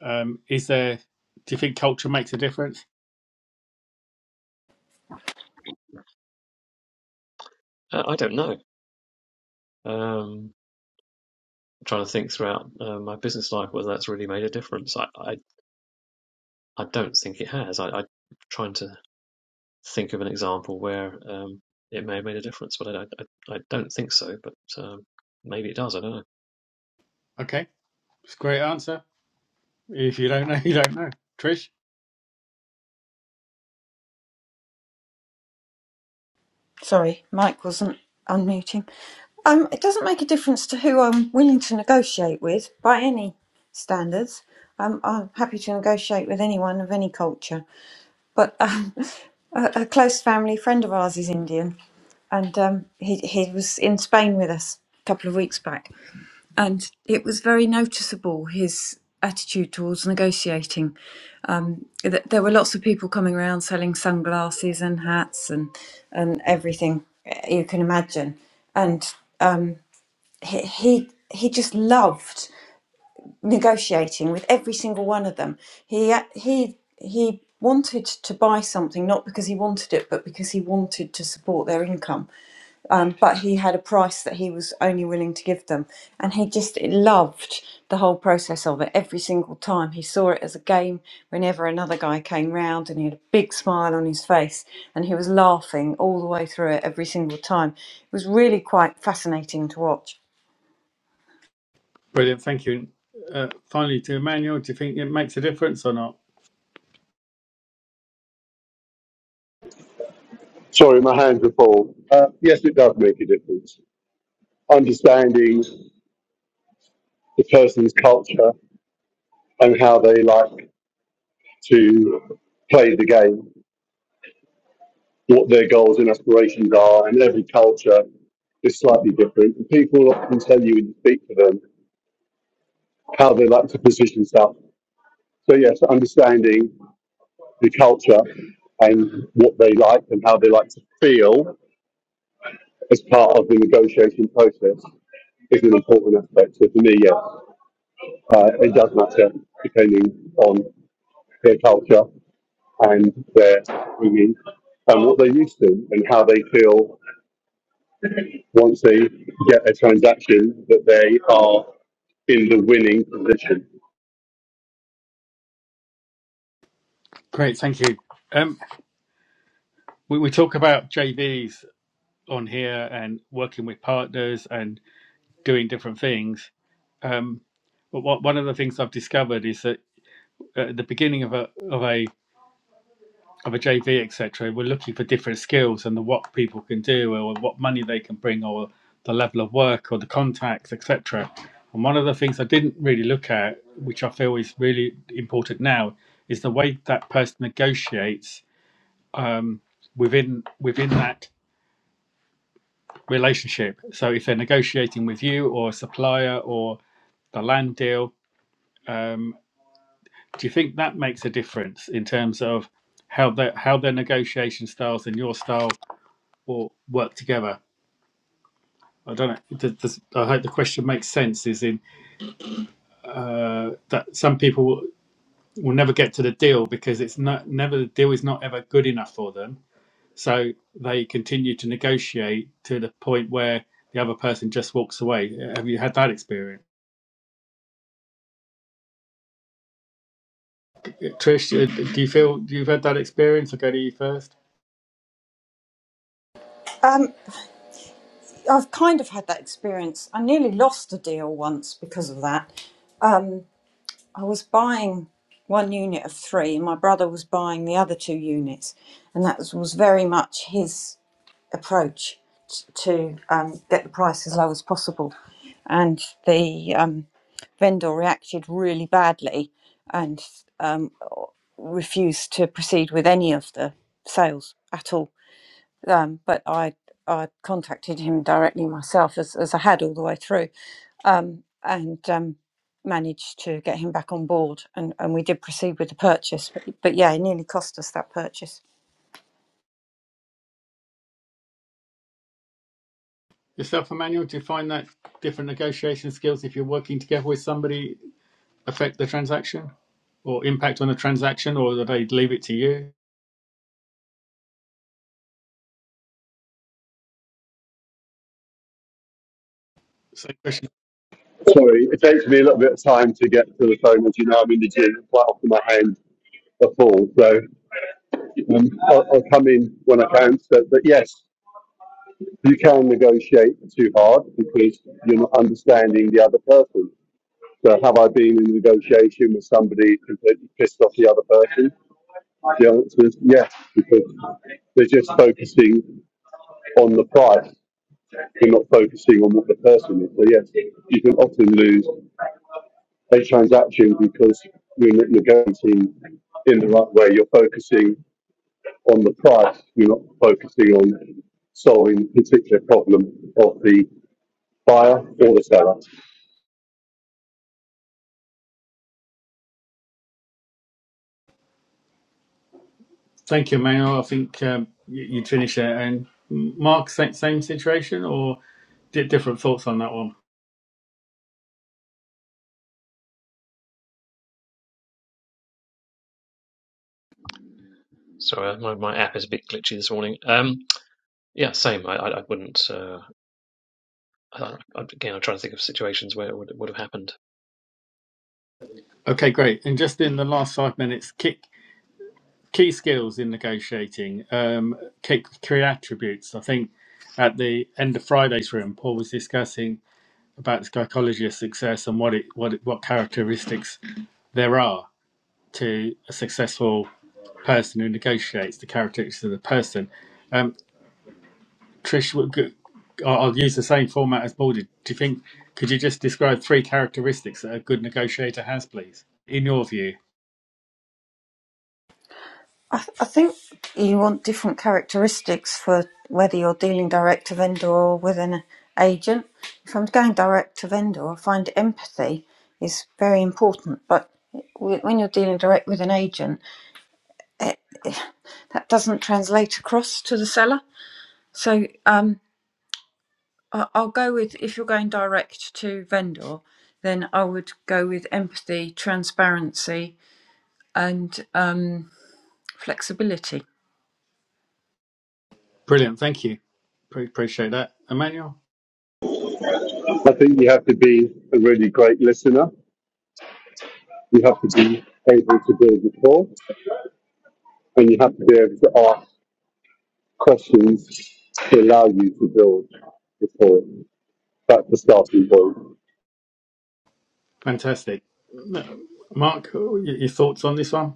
um, is there? Do you think culture makes a difference? I. Uh, I don't know. Um, I'm trying to think throughout uh, my business life whether that's really made a difference. I, I, I don't think it has. I, I'm trying to think of an example where um, it may have made a difference, but I, I, I don't think so. But um, maybe it does. I don't know. Okay, it's a great answer. If you don't know, you don't know. Trish, Sorry, Mike wasn't unmuting. Um, it doesn't make a difference to who I'm willing to negotiate with by any standards. Um, I'm happy to negotiate with anyone of any culture, but um, a, a close family friend of ours is Indian, and um, he he was in Spain with us a couple of weeks back, and it was very noticeable his attitude towards negotiating th- there were lots of people coming around selling sunglasses and hats and and everything eh, you can imagine and um he he, he just loved negotiating with every single one of them he uh, he he wanted to buy something not because he wanted it but because he wanted to support their income um, but he had a price that he was only willing to give them. And he just loved the whole process of it every single time. He saw it as a game whenever another guy came round and he had a big smile on his face and he was laughing all the way through it every single time. It was really quite fascinating to watch. brilliant. Thank you. Uh, finally, to Emmanuel, do you think it makes a difference or not? Sorry, my hands are full. Uh, yes, it does make a difference. Understanding the person's culture and how they like to play the game, what their goals and aspirations are, and every culture is slightly different. People often tell you when you speak to them how they like to position stuff. So yes, understanding the culture and what they like and how they like to feel as part of the negotiation process is an important aspect. So for me, yes, uh, it does matter depending on their culture and their bringing and what they're used to and how they feel once they get a transaction that they are in the winning position. Great. Thank you. Um, we, we talk about JVs on here and working with partners and doing different things. Um, but what, one of the things I've discovered is that at the beginning of a of a of a JV, etc., we're looking for different skills and the what people can do, or what money they can bring, or the level of work, or the contacts, etc. And one of the things I didn't really look at, which I feel is really important now, is the way that person negotiates um, within within that relationship. So if they're negotiating with you or a supplier or the land deal, um, do you think that makes a difference in terms of how their how their negotiation styles and your style or work together. I don't know. Does, does, I hope the question makes sense. Is in uh, that some people will, will never get to the deal because it's not never the deal is not ever good enough for them. So they continue to negotiate to the point where the other person just walks away. Have you had that experience, Trish? uh, Do you feel you've had that experience? I will go to you first. Um, I've kind of had that experience. I nearly lost a deal once because of that. Um, I was buying one unit of three, and my brother was buying the other two units, and that was was very much his approach t- to um, get the price as low as possible. And the um, vendor reacted really badly and um, refused to proceed with any of the sales at all um, but I I contacted him directly myself as, as I had all the way through, um, and um, managed to get him back on board, and, and we did proceed with the purchase. But, but yeah, it nearly cost us that purchase. Yourself, Emmanuel. Do you find that different negotiation skills if you're working together with somebody affect the transaction or impact on the transaction, or do they leave it to you? Same question. Sorry, it takes me a little bit of time to get to the phone. As you know, I'm in the gym, quite often my hands are full. So um, I'll, I'll come in when I can. So, but yes, You can negotiate too hard because you're not understanding the other person. So have I been in negotiation with somebody completely pissed off the other person? The answer is yes, because they're just focusing on the price. They're not focusing on what the person is. So yes, you can often lose a transaction because you're not negotiating in the right way. You're focusing on the price. You're not focusing on solving the particular problem of the buyer or the seller. Thank you, Manuel. I think um, you, you'd finish there. And Mark, same, same situation, or different thoughts on that one? Sorry, uh, my, my app is a bit glitchy this morning. Um, yeah, same. I, I, I wouldn't. Uh, I, again, I'm trying to think of situations where it would, would have happened. Okay, great. And just in the last five minutes, key, key skills in negotiating, um, key, key attributes. I think at the end of Friday's room, Paul was discussing about the psychology of success and what it, what it, what characteristics there are to a successful person who negotiates the characteristics of the person. Um, Trish, i I- I'll I'll use the same format as Paul did. Do you think, could you just describe three characteristics that a good negotiator has, please, in your view? I, th- I think you want different characteristics for whether you're dealing direct to vendor or with an agent. If I'm going direct to vendor, I find empathy is very important, but w- when you're dealing direct with an agent, that doesn't translate across to the seller So um, I- I'll go with if you're going direct to vendor, then I would go with empathy, transparency, and um, flexibility. Brilliant, thank you. Pre- appreciate that. Emmanuel, I think you have to be a really great listener. You have to be able to build rapport, and you have to be able to ask questions to allow you to build rapport. That's the starting point. fantastic. Mark, y- your thoughts on this one?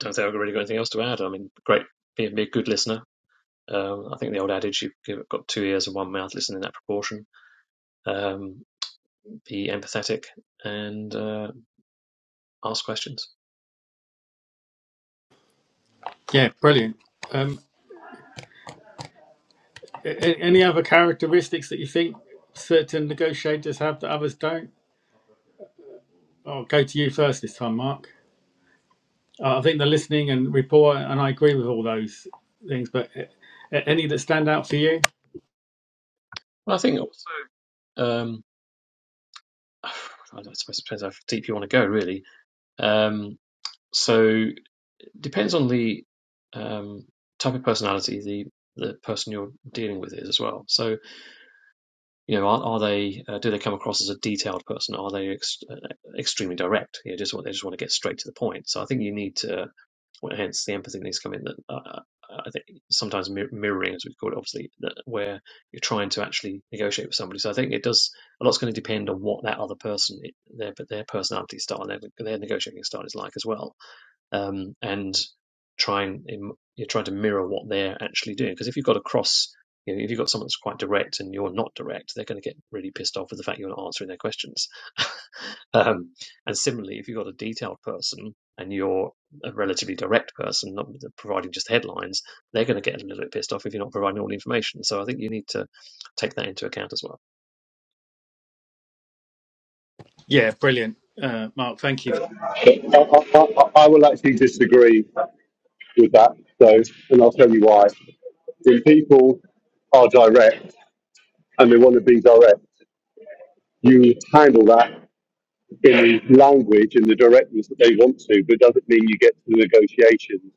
Don't think I've really got anything else to add. I mean, great, be, a, be a good listener. Um, I think the old adage, you've got two ears and one mouth, listen in that proportion. Um, be empathetic and uh, ask questions. Yeah, brilliant. Um, a- a- any other characteristics that you think certain negotiators have that others don't? I'll go to you first this time, Mark. Uh, I think the listening and rapport, and I agree with all those things. But uh, any that stand out for you? Well, I think also, um, I suppose it depends how deep you want to go, really. Um, so it depends on the um, type of personality the, the person you're dealing with is as well. So You know, are, are they uh, do they come across as a detailed person? Are they ex- uh, extremely direct? You know, just want they just want to get straight to the point. So I think you need to, well, hence the empathy needs to come in. That uh, uh, I think sometimes mir- mirroring, as we call it, obviously, that where you're trying to actually negotiate with somebody. So I think it does a lot's going to depend on what that other person, their but their personality style, and their their negotiating style is like as well um, and try and you're trying to mirror what they're actually doing. Because if you've got a cross, you know, if you've got someone that's quite direct and you're not direct, they're going to get really pissed off with the fact you're not answering their questions. um, and similarly, if you've got a detailed person and you're a relatively direct person, not providing just headlines, they're going to get a little bit pissed off if you're not providing all the information. So I think you need to take that into account as well. Yeah, brilliant, uh, Mark. Thank you. I, I, I, I will actually disagree with that, though, and I'll tell you why. When people are direct and they want to be direct, you handle that in language in the directness that they want to, but it doesn't mean you get to the negotiations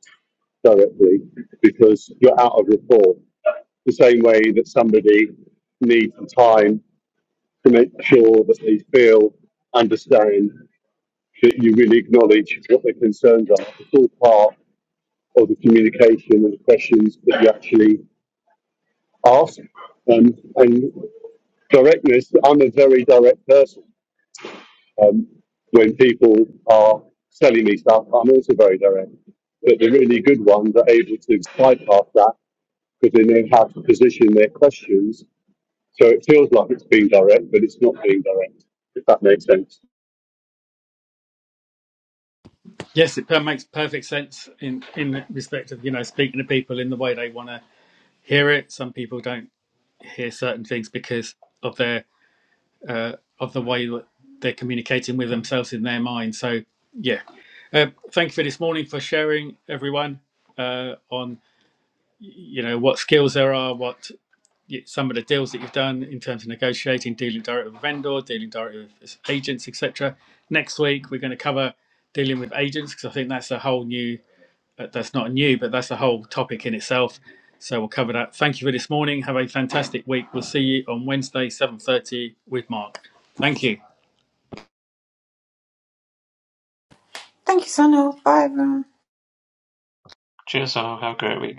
directly because you're out of rapport. The same way that somebody needs time to make sure that they feel, understand, that you really acknowledge what their concerns are. It's all part of the communication and the questions that you actually ask. Um, and directness, I'm a very direct person. Um, when people are selling me stuff, I'm also very direct. But the really good ones are able to bypass that because they know how to position their questions. So it feels like it's being direct, but it's not being direct, if that makes sense. Yes, it per- makes perfect sense in in respect of you know speaking to people in the way they want to hear it. Some people don't hear certain things because of their uh, of the way that they're communicating with themselves in their mind. So yeah, uh, thank you for this morning for sharing everyone uh, on you know what skills there are, what some of the deals that you've done in terms of negotiating, dealing directly with vendor, dealing directly with agents, etc. Next week, we're going to cover dealing with agents because I think that's a whole new, uh, that's not new, but that's a whole topic in itself. So we'll cover that. Thank you for this morning. Have a fantastic week. We'll see you on Wednesday, 7.30 with Mark. Thank you. Thank you, Sunil. Bye, everyone. Cheers, all. Have a great week.